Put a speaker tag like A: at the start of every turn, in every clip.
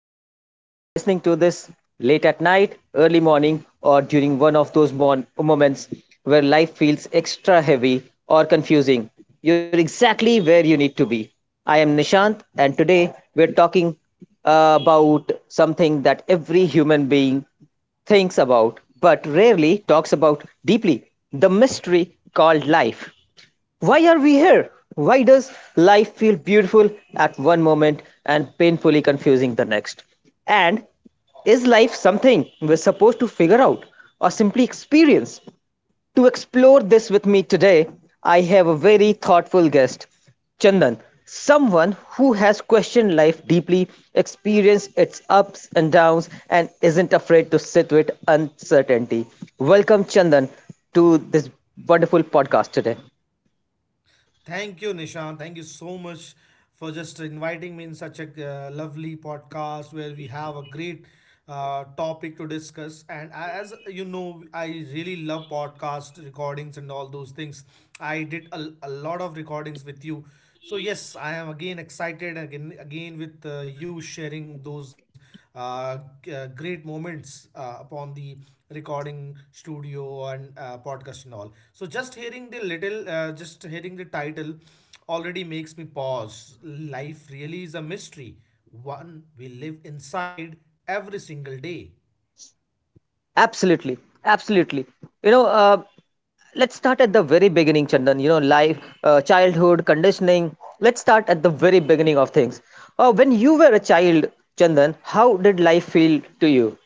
A: podcast. If you're listening to this late at night, early morning, or during one of those moments where life feels extra heavy or confusing, you're exactly where you need to be. I am Nishant, and today we're talking about something that every human being thinks about but rarely talks about deeply, the mystery called life. Why are we here? Why does life feel beautiful at one moment and painfully confusing the next? And is life something we're supposed to figure out or simply experience? To explore this with me today, I have a very thoughtful guest, Chandan, someone who has questioned life deeply, experienced its ups and downs, and isn't afraid to sit with uncertainty. Welcome, Chandan, to this wonderful podcast today. Absolutely, absolutely. You know, uh, let's start at the very beginning, Chandan. You know, life, childhood, conditioning. Let's start at the very beginning of things. When you were a child, Chandan, how did life feel to you?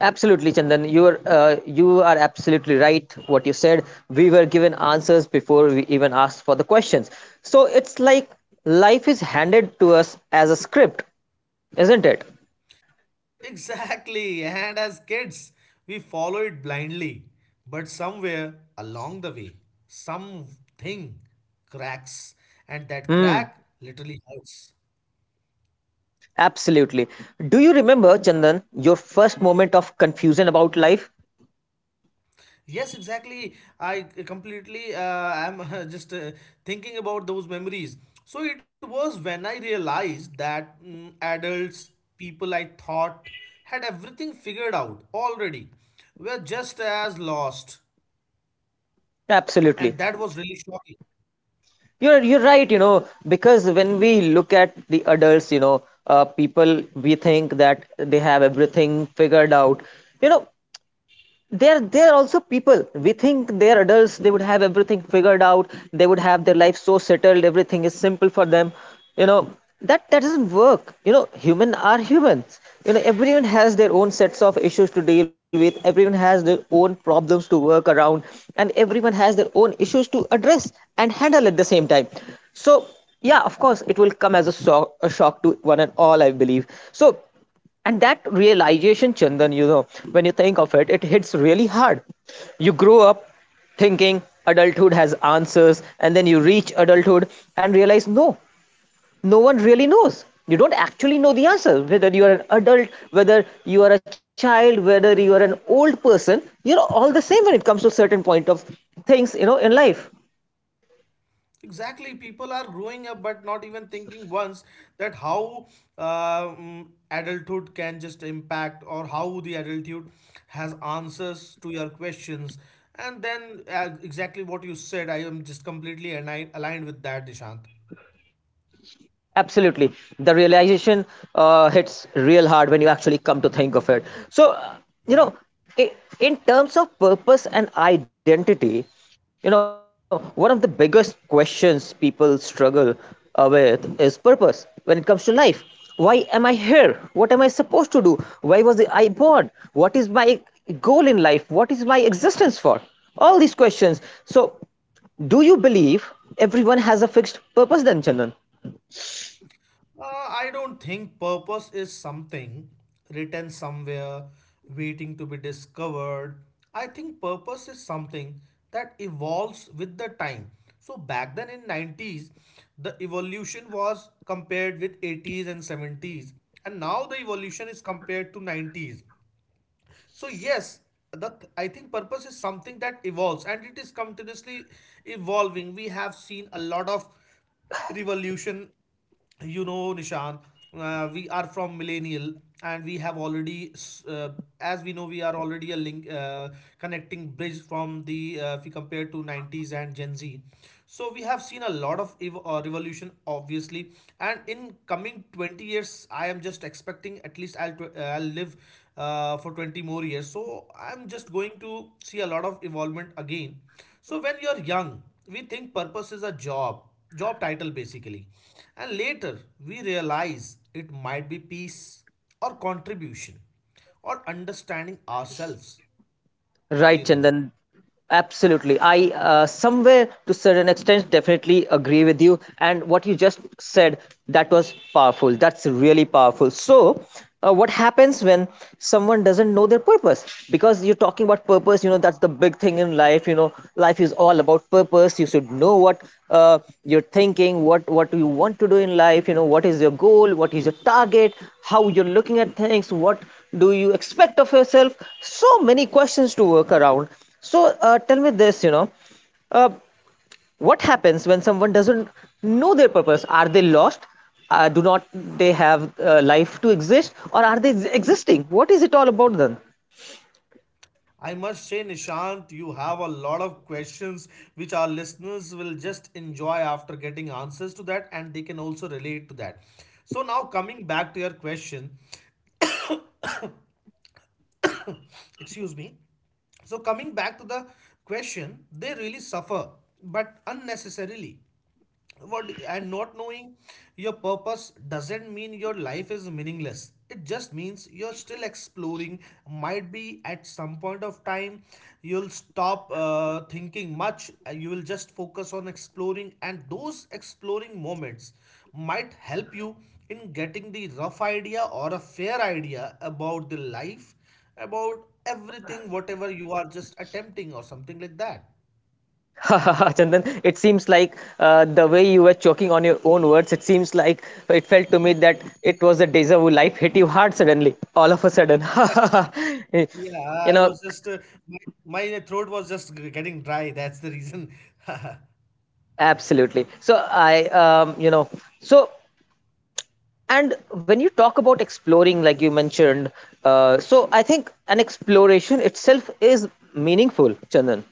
A: Absolutely, Chandan. You are absolutely right. What you said. We were given answers before we even asked for the questions. So it's like life is handed to us as a script, isn't it? Hmm. Absolutely. Do you remember, Chandan, your first moment of confusion about life? Absolutely. You're right. You know, because when we look at the adults, people, we think that they have everything figured out. You know, they're also people, we think they're adults, they would have everything figured out, they would have their life so settled, everything is simple for them, you know. That doesn't work. You know, human are humans. You know, everyone has their own sets of issues to deal with, everyone has their own problems to work around, and everyone has their own issues to address and handle at the same time. So, yeah, of course it will come as a shock to one and all, I believe. So, and that realization, Chandan, you know, when you think of it, it hits really hard. You grow up thinking adulthood has answers, and then you reach adulthood and realize no, no one really knows. You don't actually know the answer, whether you are an adult, whether you are a child, whether you are an old person, you're all the same when it comes to certain point of things, you know, in life. Absolutely. The realization hits real hard when you actually come to think of it. so uh, you know i- in terms of purpose and identity, you know, one of the biggest questions people struggle with is purpose when it comes to life. Why am I here, what am I supposed to do, why was I born, what is my goal in life, what is my existence for, all these questions. So, do you believe everyone has a fixed purpose then, Chandan? Right, Chandan. Absolutely. Somewhere to certain extent, definitely agree with you. And what you just said, that was powerful. That's really powerful. So, what happens when someone doesn't know their purpose? Because you're talking about purpose, you know, that's the big thing in life. You know, life is all about purpose. You should know what you're thinking, what you want to do in life. You know, what is your goal, what is your target, how you're looking at things, what do you expect of yourself, so many questions to work around. So tell me this, you know, uh, what happens when someone doesn't know their purpose? Are they lost? Do not they have life to exist, or are they existing, what is it all about then? Chandan, it seems like the way you were choking on your own words, it seems like it felt to me that it was a deja vu. Life hit you hard suddenly, all of a sudden. You know, absolutely. So I, you know, so And when you talk about exploring, like you mentioned, so I think an exploration itself is meaningful, Chandan.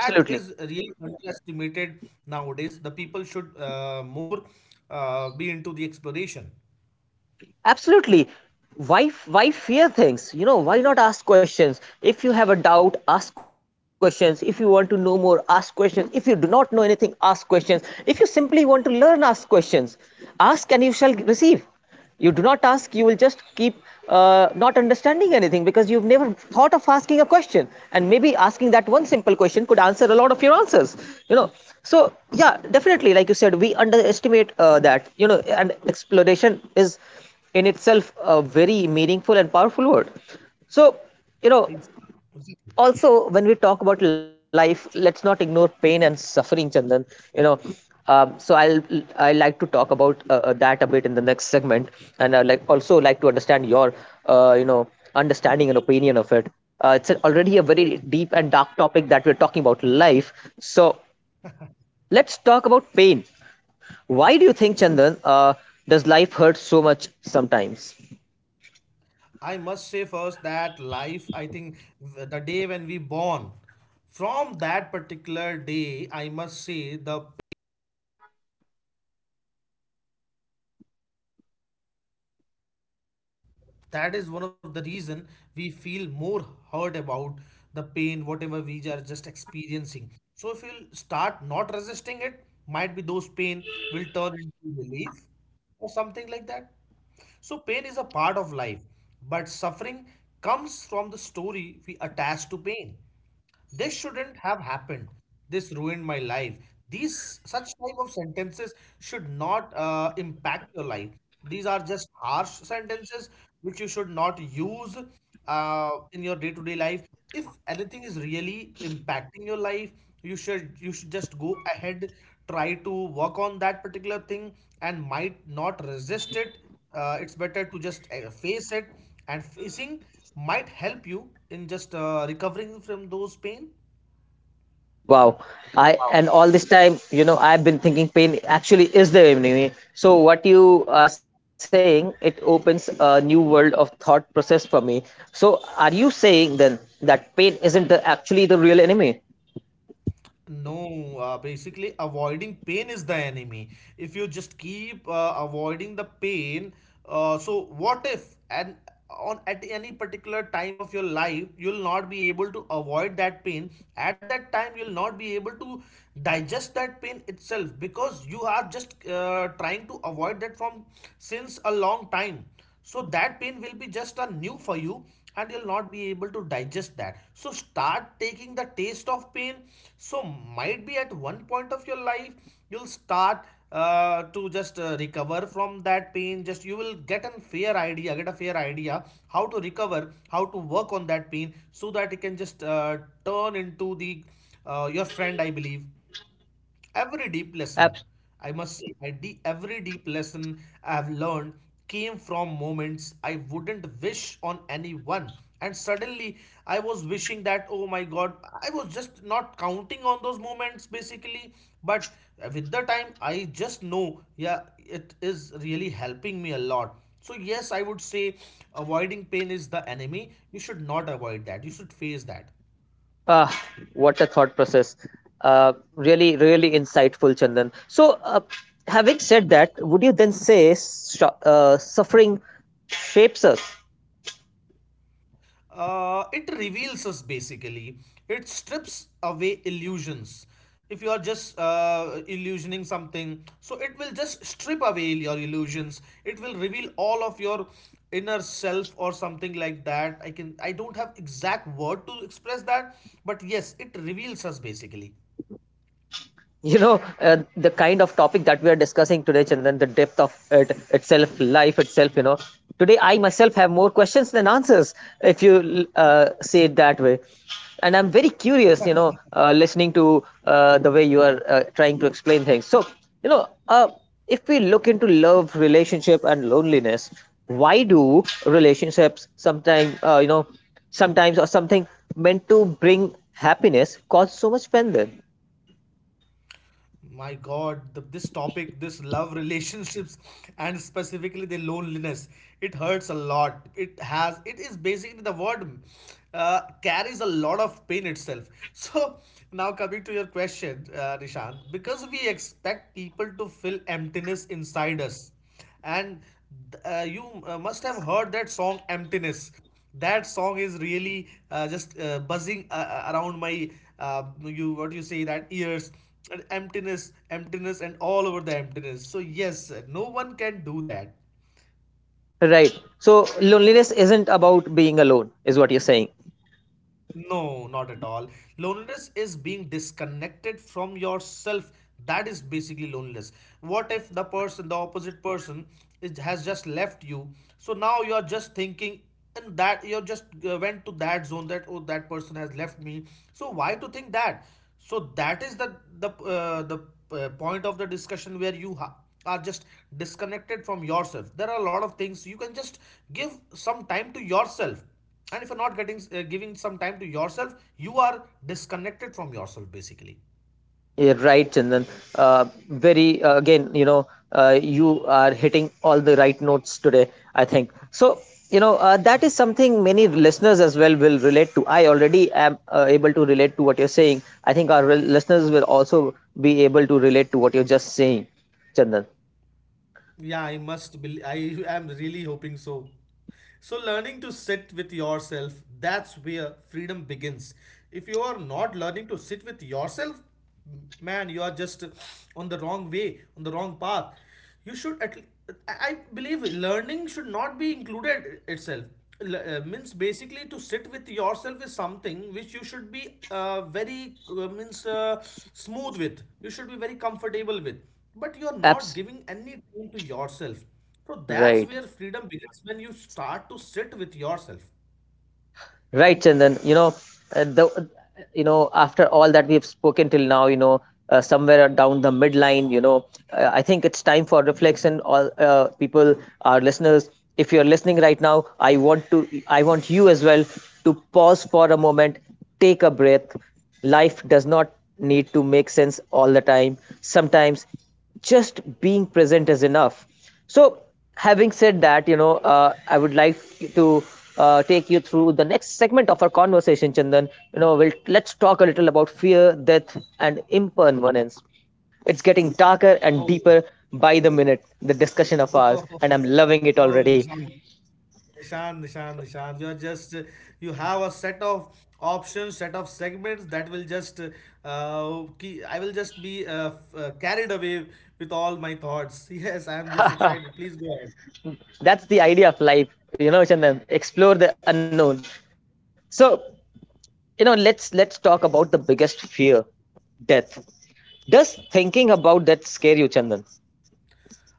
A: Absolutely. Absolutely. Why fear things? You know, why not ask questions? If you have a doubt, ask questions. If you want to know more, ask questions. If you do not know anything, ask questions. If you simply want to learn, ask questions. Ask and you shall receive. You do not ask, you will just keep not understanding anything because you've never thought of asking a question. And maybe asking that one simple question could answer a lot of your answers. You know, so yeah, definitely, like you said, we underestimate that. You know, and exploration is in itself a very meaningful and powerful word. So, you know, also when we talk about life, let's not ignore pain and suffering, Chandan. You know, so I'll, I like to talk about that a bit in the next segment, and I like also like to understand your uh, you know understanding and opinion of it. It's already a very deep and dark topic that we're talking about, life. So, let's talk about pain. Why do you think, Chandan, does life hurt so much sometimes?
B: And Because we resist it, that is one of the reason we feel more hurt about the pain whatever we are just experiencing. So if you start not resisting, it might be those pain will turn into relief or something like that. So pain is a part of life, but suffering comes from the story we attach to pain. This shouldn't have happened, this ruined my life, these such type of sentences should not impact your life. These are just harsh sentences which you should not use in your day-to-day life. If anything is really impacting your life, you should just go ahead, try to work on that particular thing and might not resist it. Uh, it's better to just face it, and facing might help you in just recovering from those pain.
A: Wow. I, and all this time, you know, I've been thinking pain actually is the enemy. So what you are saying, it opens a new world of thought process for me. So are you saying then that pain isn't the actually the real enemy?
B: No, basically avoiding pain is the enemy. If you just keep avoiding the pain, so what if, and on at any particular time of your life you'll not be able to avoid that pain. At that time you'll not be able to digest that pain itself, because you are just trying to avoid that from since a long time. So that pain will be just a new for you, and you'll not be able to digest that. So start taking the taste of pain. So might be at one point of your life you'll start to just recover from that pain. Just you will get a fair idea how to recover, how to work on that pain so that it can just turn into the your friend, I believe. Every deep
A: Abs-
B: lesson, I must say, every deep lesson I have learned came from moments I wouldn't wish on anyone. And suddenly I was wishing that, oh my God, I was just not counting on those moments basically. But with the time, I just know, yeah, it is really helping me a lot. So, yes, I would say avoiding pain is the enemy. You should not avoid that, you should face that.
A: ah, what a thought process. Really, really insightful, Chandan. So, having said that, would you then say suffering shapes us?
B: It reveals us basically. It strips away illusions. If you are just illusioning something, so it will just strip away your illusions. It will reveal all of your inner self or something like that. I don't have exact word to express that, but yes, it reveals us basically.
A: You know, the kind of topic that we are discussing today, Chandan, the depth of it, itself, life itself, you know, today I myself have more questions than answers, if you say it that way. And I'm very curious, you know, listening to the way you are trying to explain things. So, you know, if we look into love, relationship, and loneliness, why do relationships sometimes, you know sometimes or something meant to bring happiness, cause so much pain then?
B: My God, this topic, this love relationships, and specifically the loneliness, it hurts a lot. It has, it is basically the word carries a lot of pain itself. So now coming to your question, Nishant, because we expect people to fill emptiness inside us. And you must have heard that song emptiness. That song is really just buzzing around my you what do you say that ears. And emptiness and all over the emptiness, so yes, no one can do that.
A: Right. So loneliness isn't about being alone, is what you're saying.
B: No, not at all. Loneliness is being disconnected from yourself. That is basically loneliness. What if the person, the opposite person, is, has just left you? So now you're just thinking, and that you're just went to that zone that oh that person has left me. So why to think that? So that is the point of the discussion where are just disconnected from yourself. There are a lot of things you can just give some time to yourself. And if you're not getting giving some time to yourself, you are disconnected from yourself basically.
A: You're right, Chandan. Very Again, you know, you are hitting all the right notes today, I think so. You know, that is something many listeners as well will relate to. I already am able to relate to what you're saying. I think our listeners will also be able to relate to what you're just saying, Chandan.
B: Yeah, I must believe. I am really hoping so. So, learning to sit with yourself, that's where freedom begins. If you are not learning to sit with yourself, man, you are just on the wrong way, on the wrong path. You should at le- I believe learning should not be included itself. Means basically to sit with yourself is something which you should be very means smooth with. You should be very comfortable with. But you are not
A: Apps.
B: giving any time to yourself, so that's
A: Right.
B: where freedom begins, when you start to sit with yourself.
A: Right, Chandan. You know, the you know, after all that we've spoken till now, you know, somewhere down the midline, you know, I think it's time for reflection. All people, our listeners, if you're listening right now, I want to, I want you as well to pause for a moment, take a breath. Life does not need to make sense all the time. Sometimes just being present is enough. So, having said that, you know, I would like to take you through the next segment of our conversation, Chandan. You know, we'll, let's talk a little about fear, death, and impermanence. It's getting darker and
B: Oh,
A: deeper by the minute, the discussion of ours,
B: oh,
A: and I'm loving it
B: Nishan,
A: already.
B: Nishan, you're just, you have a set of options, set of segments that will just, I will just be carried away with all my thoughts. Yes, I'm just excited. Please go.
A: That's the idea of life, you know, Chandan. Explore the unknown. So, you know, let's talk about the biggest fear, death. Does thinking about that scare you, Chandan?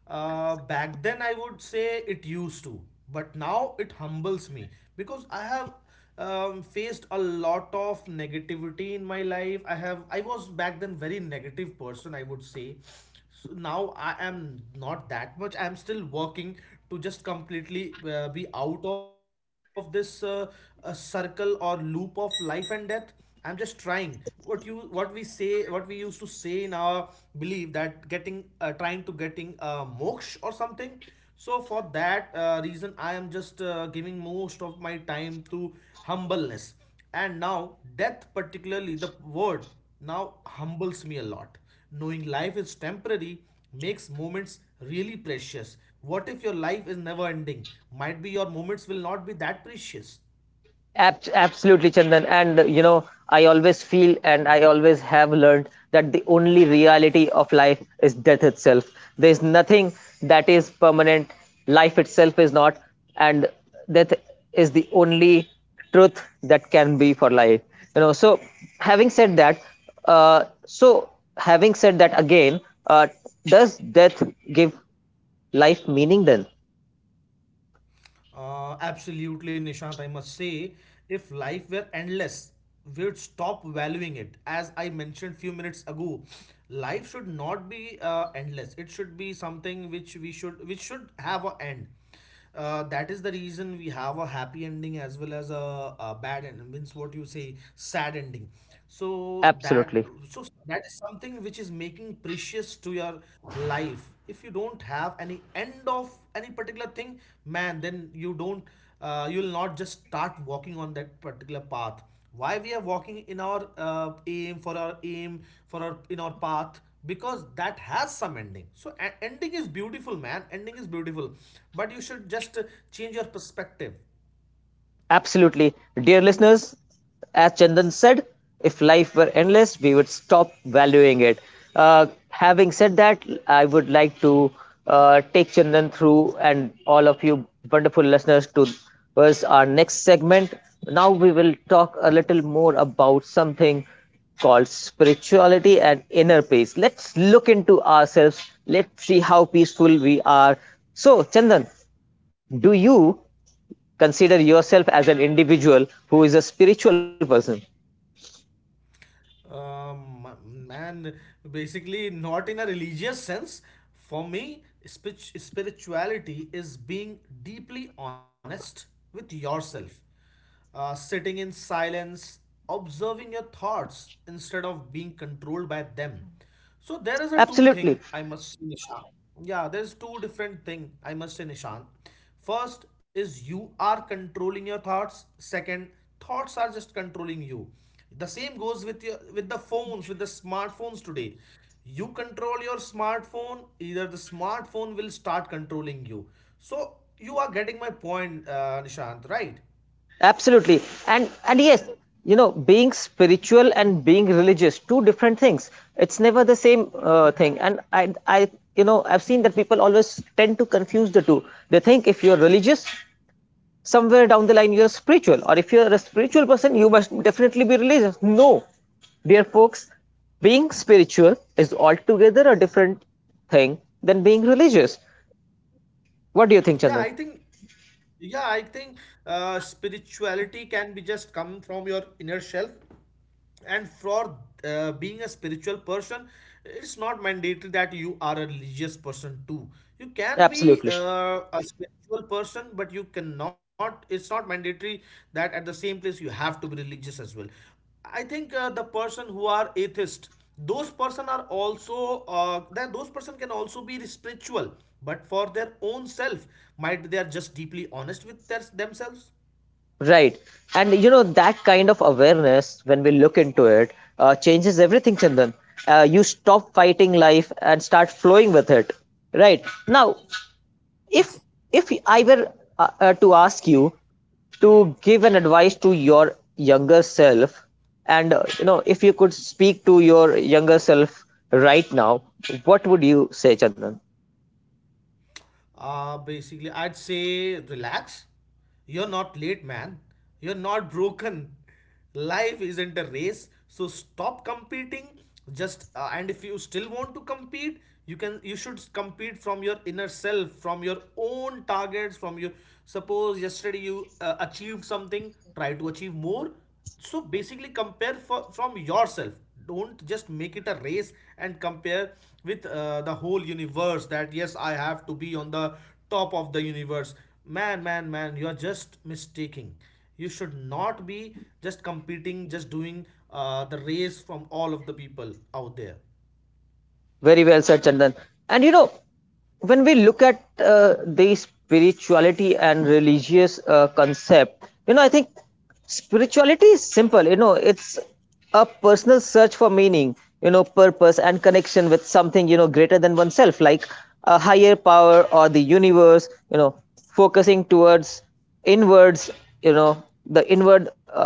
B: Back then, I would say it used to, but now it humbles me because I have faced a lot of negativity in my life. I was back then very negative person, I would say. So now I am not that much. I am still working to just completely be out of this circle or loop of life and death. I'm just trying, what we say what we used to say in our belief, that getting trying to getting moksha or something. So for that reason, I am just giving most of my time to humbleness. And now death, particularly the word, now humbles me a lot. Knowing life is temporary makes moments really precious. What if your life is never ending? Might be your moments will not be that precious.
A: Absolutely, Chandan. And you know, I always feel and I always have learned that the only reality of life is death itself. There's nothing that is permanent. Life itself is not, and death is the only truth that can be for life, you know. So, having said that, uh, so having said that again, uh, does death give life meaning then?
B: Absolutely, Nishant. I must say, if life were endless, we'd stop valuing it. As I mentioned few minutes ago, life should not be endless. It should be something which we should which should have a end. That is the reason we have a happy ending as well as a bad end, means what you say sad ending. so that
A: Absolutely.
B: so that is something which is making precious to your life. If you don't have any end of any particular thing, man, then you don't you will not just start walking on that particular path. Why we are walking in our aim, for our in our path? Because that has some ending. So ending is beautiful, man, ending is beautiful, but you should just change your perspective.
A: Absolutely. Dear listeners, as Chandan said, if life were endless, we would stop valuing it. Having said that, I would like to take Chandan through, and all of you wonderful listeners, to was our next segment. Now we will talk a little more about something called spirituality and inner peace. Let's look into ourselves. Let's see how peaceful we are. So, Chandan, do you consider yourself as an individual who is a spiritual person?
B: Um, Man, basically, not in a religious sense. For me, spirituality is being deeply honest with yourself, sitting in silence, observing your thoughts instead of being controlled by them. So there is a two
A: Absolutely.
B: thing I must say, Nishant. Yeah, there is two different thing I must say, Nishant. First is you are controlling your thoughts. Second, thoughts are just controlling you. The same goes with your with the phones, with the smartphones today. You control your smartphone, either the smartphone will start controlling you. So you are getting my point, Nishant, right?
A: Absolutely. And yes, you know, being spiritual and being religious, two different things. It's never the same thing. And I you know, I've seen that people always tend to confuse the two. They think if you're religious, somewhere down the line you're spiritual, or if you're a spiritual person you must definitely be religious. No, dear folks, being spiritual is altogether a different thing than being religious. What do you think,
B: Yeah,
A: Chandan?
B: I think yeah, I think spirituality can be just come from your inner self. And for being a spiritual person, it's not mandatory that you are a religious person too. You can be
A: Absolutely.
B: a spiritual person, but you cannot, it's not mandatory that at the same place you have to be religious as well. I think the person who are atheist, those person are also that those person can also be spiritual, but for their own self. Might be they are just deeply honest with themselves.
A: Right. And you know, that kind of awareness, when we look into it, changes everything, Chandan. You stop fighting life and start flowing with it. Right. Now, if if I were to ask you to give an advice to your younger self, and if you could speak to your younger self right now, what would you say, Chandan?
B: Basically, I'd say relax. You're not late, man. You're not broken. Life isn't a race, so stop competing. Just and if you still want to compete, you should compete from your inner self, from your own targets, from your, suppose yesterday you achieved something, try to achieve more. So basically compare from yourself. Don't just make it a race and compare with the whole universe that yes, I have to be on the top of the universe. Man, you're just mistaking. You should not be just competing, just doing the race from all of the people out there.
A: Very well said, Chandan. And you know, when we look at the spirituality and religious concept, you know, I think spirituality is simple. You know, it's a personal search for meaning, you know, purpose and connection with something, you know, greater than oneself, like a higher power or the universe, you know, focusing towards inwards, you know, the inward.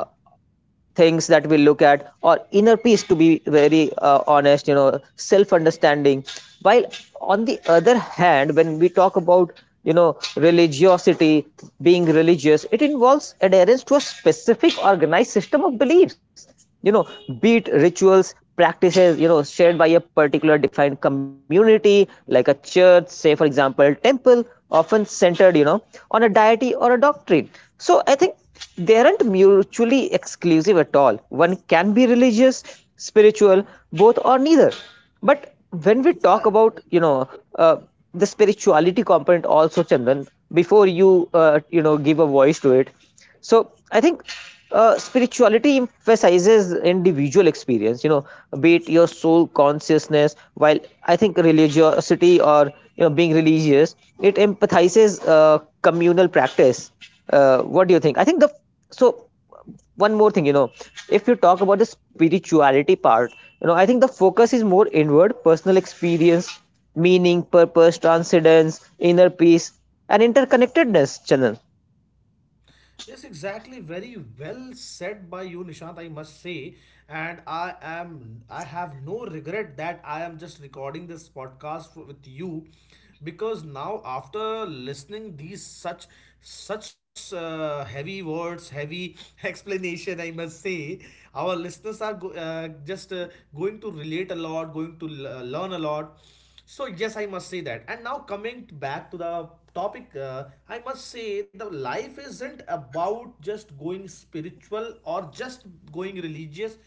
A: Things that we look at or inner peace, to be very honest, you know, self understanding, while on the other hand, when we talk about, you know, religiosity, being religious, it involves adherence to a specific organized system of beliefs, you know, be it rituals, practices, you know, shared by a particular defined community, like a church, say, for example, temple, often centered, you know, on a deity or a doctrine. So I think they aren't mutually exclusive at all. One can be religious, spiritual, both, or neither. But when we talk about, you know, uh, the spirituality component also, Chandan, before you you know, give a voice to it, so I think spirituality emphasizes individual experience, you know, be it your soul consciousness. While I think religiosity, or you know, being religious, it empathizes communal practice. What do you think? I think the so one more thing, you know, if you talk about the spirituality part, you know, I think the focus is more inward, personal experience, meaning, purpose, transcendence, inner peace, and interconnectedness. Channel,
B: Yes, exactly. Very well said by you, Nishant, I must say. And I have no regret that I am just recording this podcast with you, because now after listening these such heavy words, heavy explanation, I must say, our listeners are just going to relate a lot, going to learn a lot. So yes, I must say that. And now coming back to the topic, I must say, the life isn't about just going spiritual or just going religious.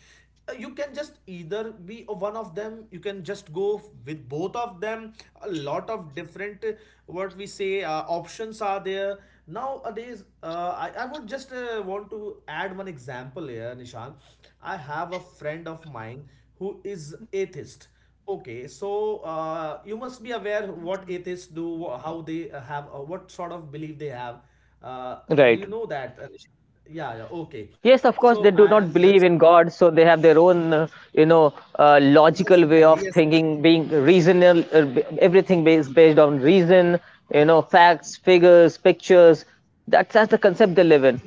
B: You can just either be a one of them, you can just go with both of them. A lot of different what we say options are there nowadays. I would just want to add one example here, Nishan. I have a friend of mine who is atheist. Okay, so you must be aware what atheists do, how they what sort of belief they have. Uh, do
A: right?
B: you know that, Nisha? Yeah, yeah, okay.
A: Yes, of
B: So
A: course, they
B: I
A: do
B: am
A: not
B: just,
A: believe in God, so they have their own, you know,
B: yes,
A: logical way
B: exactly,
A: of
B: yes.
A: thinking, being reasonable. Everything based on reason, you know, facts, figures, pictures. That's the concept they live in.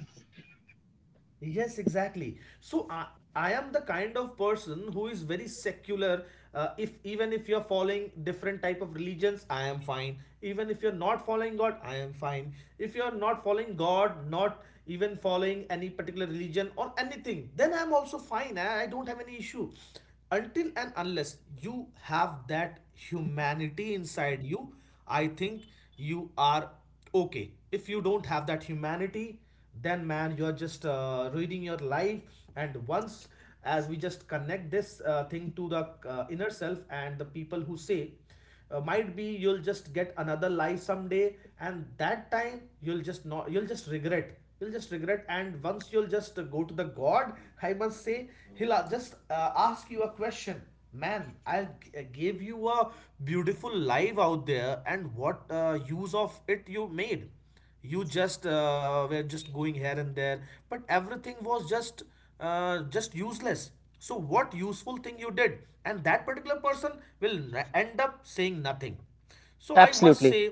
B: Yes, exactly. So I am the kind of person who is very secular. If even if you're following different type of religions, I am fine. Even if you're not following God, I am fine. If you're not following God, not even following any particular religion or anything, then I'm also fine. I don't have any issue. Until and unless you have that humanity inside you, I think you are okay. If you don't have that humanity, then man you're just reading your life. And once as we just connect this thing to the inner self and the people who say might be you'll just get another life someday, and that time you'll just not, you'll just regret, you'll just regret. And once you'll just go to the god, I must say he'll just ask you a question. Man, I'll give you a beautiful life out there, and what use of it you made? You just were just going here and there, but everything was just useless. So what useful thing you did? And that particular person will end up saying nothing. So I must
A: Absolutely,
B: say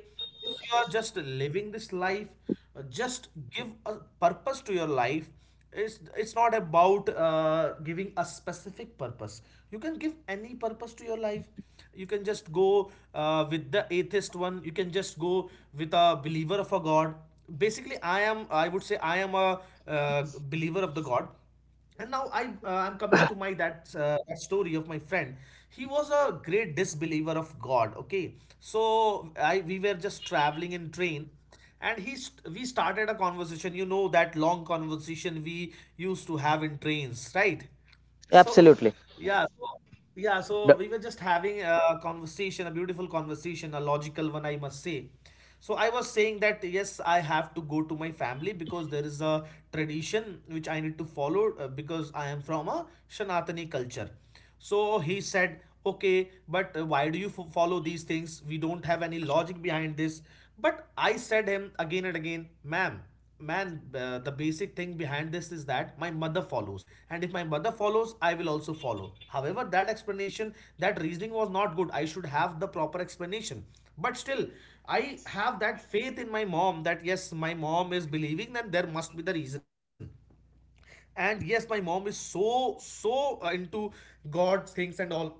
B: if you are just living this life, just give a purpose to your life. It's not about giving a specific purpose. You can give any purpose to your life. You can just go with the atheist one, you can just go with a believer of a god. Basically I would say I am a uh, believer of the god. And now I'm coming to my that, that story of my friend. He was a great disbeliever of god, okay? So I we were just traveling in train. And we started a conversation, you know, that long conversation we used to have in trains, right? So,
A: absolutely.
B: yeah, so, yeah, so
A: The-
B: we were just having a conversation, a beautiful conversation, a logical one, I must say. So I was saying that yes, I have to go to my family because there is a tradition which I need to follow because I am from a Sanatani culture. So he said, okay, but why do you follow these things? We don't have any logic behind this. But I said him again and again, ma'am, man, the basic thing behind this is that my mother follows, and if my mother follows I will also follow. However, that explanation, that reasoning was not good. I should have the proper explanation, but still I have that faith in my mom that yes, my mom is believing, then there must be the reason. And yes, my mom is so so into god things and all.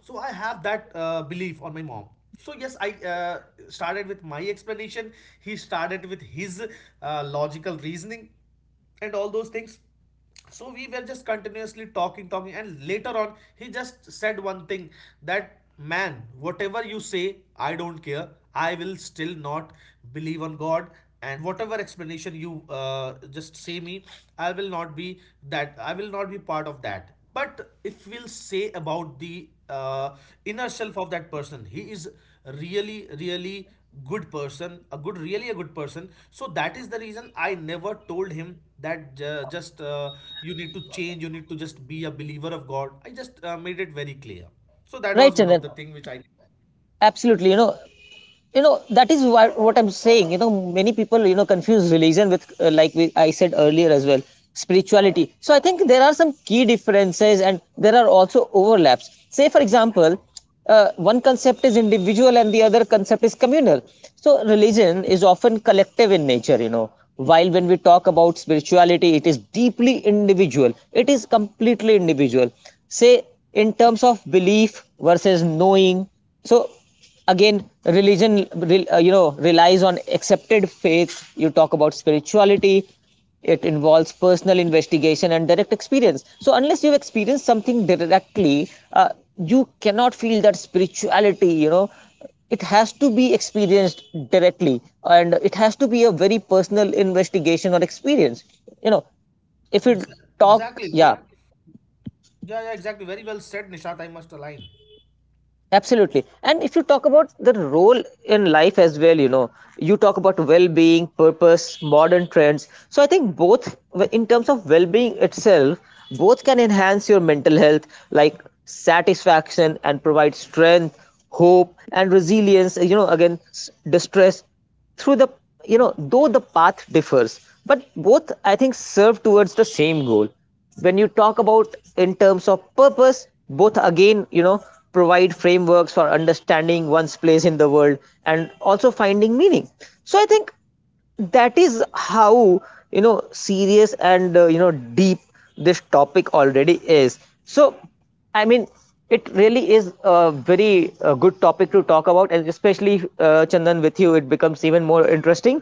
B: So I have that belief on my mom. So yes, I uh, started with my explanation. He started with his logical reasoning and all those things. So we were just continuously talking, and later on he just said one thing, that man, whatever you say I don't care, I will still not believe on god. And whatever explanation you just say me, I will not be that, I will not be part of that. But if we'll say about the inner self of that person, he is really really good person, a good, really a good person. So that is the reason I never told him that just you need to change, you need to just be a believer of god. I just made it very clear. So that
A: right,
B: was one of
A: Chandan.
B: the thing which I.
A: Absolutely. You know that is what I'm saying. You know, many people, you know, confuse religion with, like I said earlier as well, spirituality. So I think there are some key differences, and there are also overlaps. Say, for example, one concept is individual and the other concept is communal. So religion is often collective in nature, you know, while when we talk about spirituality, it is deeply individual. It is completely individual. Say, in terms of belief versus knowing. So again, religion you know, relies on accepted faith. You talk about spirituality, it involves personal investigation and direct experience. So unless you've experienced something directly, you cannot feel that spirituality, you know. It has to be experienced directly, and it has to be a very personal investigation or experience, you know. If you talk,
B: Exactly,
A: yeah.
B: very, yeah, yeah, exactly, very well said, Nishant, I must align.
A: Absolutely. And if you talk about the role in life as well, you know, you talk about well being, purpose, modern trends. So I think both, in terms of well being itself, both can enhance your mental health, like satisfaction, and provide strength, hope, and resilience. You know, again, distress through the, you know, though the path differs, but both, I think, serve towards the same goal. When you talk about in terms of purpose, both again, you know, provide frameworks for understanding one's place in the world, and also finding meaning. So I think that is how, you know, serious and you know, deep this topic already is. So I mean, it really is a very good topic to talk about, and especially Chandan, with you it becomes even more interesting,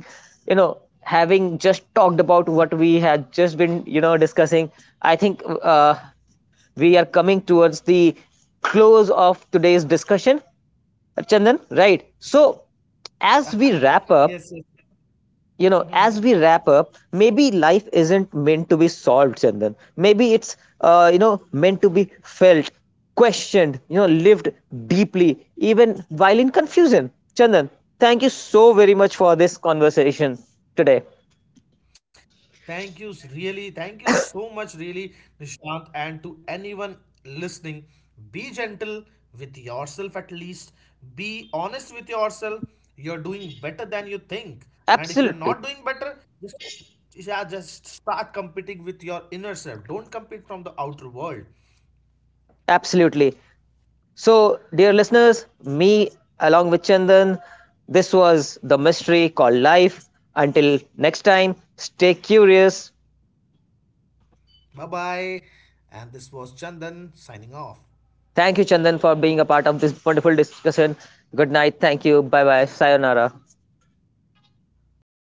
A: you know. Having just talked about what we had just been, you know, discussing, I think uh, we are coming towards the close of today's discussion, Chandan, right? So as we wrap up,
B: Yes, yes.
A: you know, as we
B: Mhm.
A: wrap up, maybe life isn't meant to be solved, Chandan. Maybe it's you know, meant to be felt, questioned, you know, lived deeply, even while in confusion. Chandan, thank you so very much for this conversation today.
B: Thank you, really. Thank you so much, really, Nishant. And to anyone listening, be gentle with yourself at least. Be honest with yourself. You're doing better than you think. And if you're
A: Absolutely,
B: not doing better, just, yeah, just start competing with your inner self. Don't compete from the outer world.
A: absolutely. So dear listeners, me along with Chandan, this was the mystery called life. Until next time, stay curious.
B: Bye bye. And this was Chandan signing off.
A: Thank you, Chandan, for being a part of this wonderful discussion. Good night. Thank you. Bye bye. Sayonara.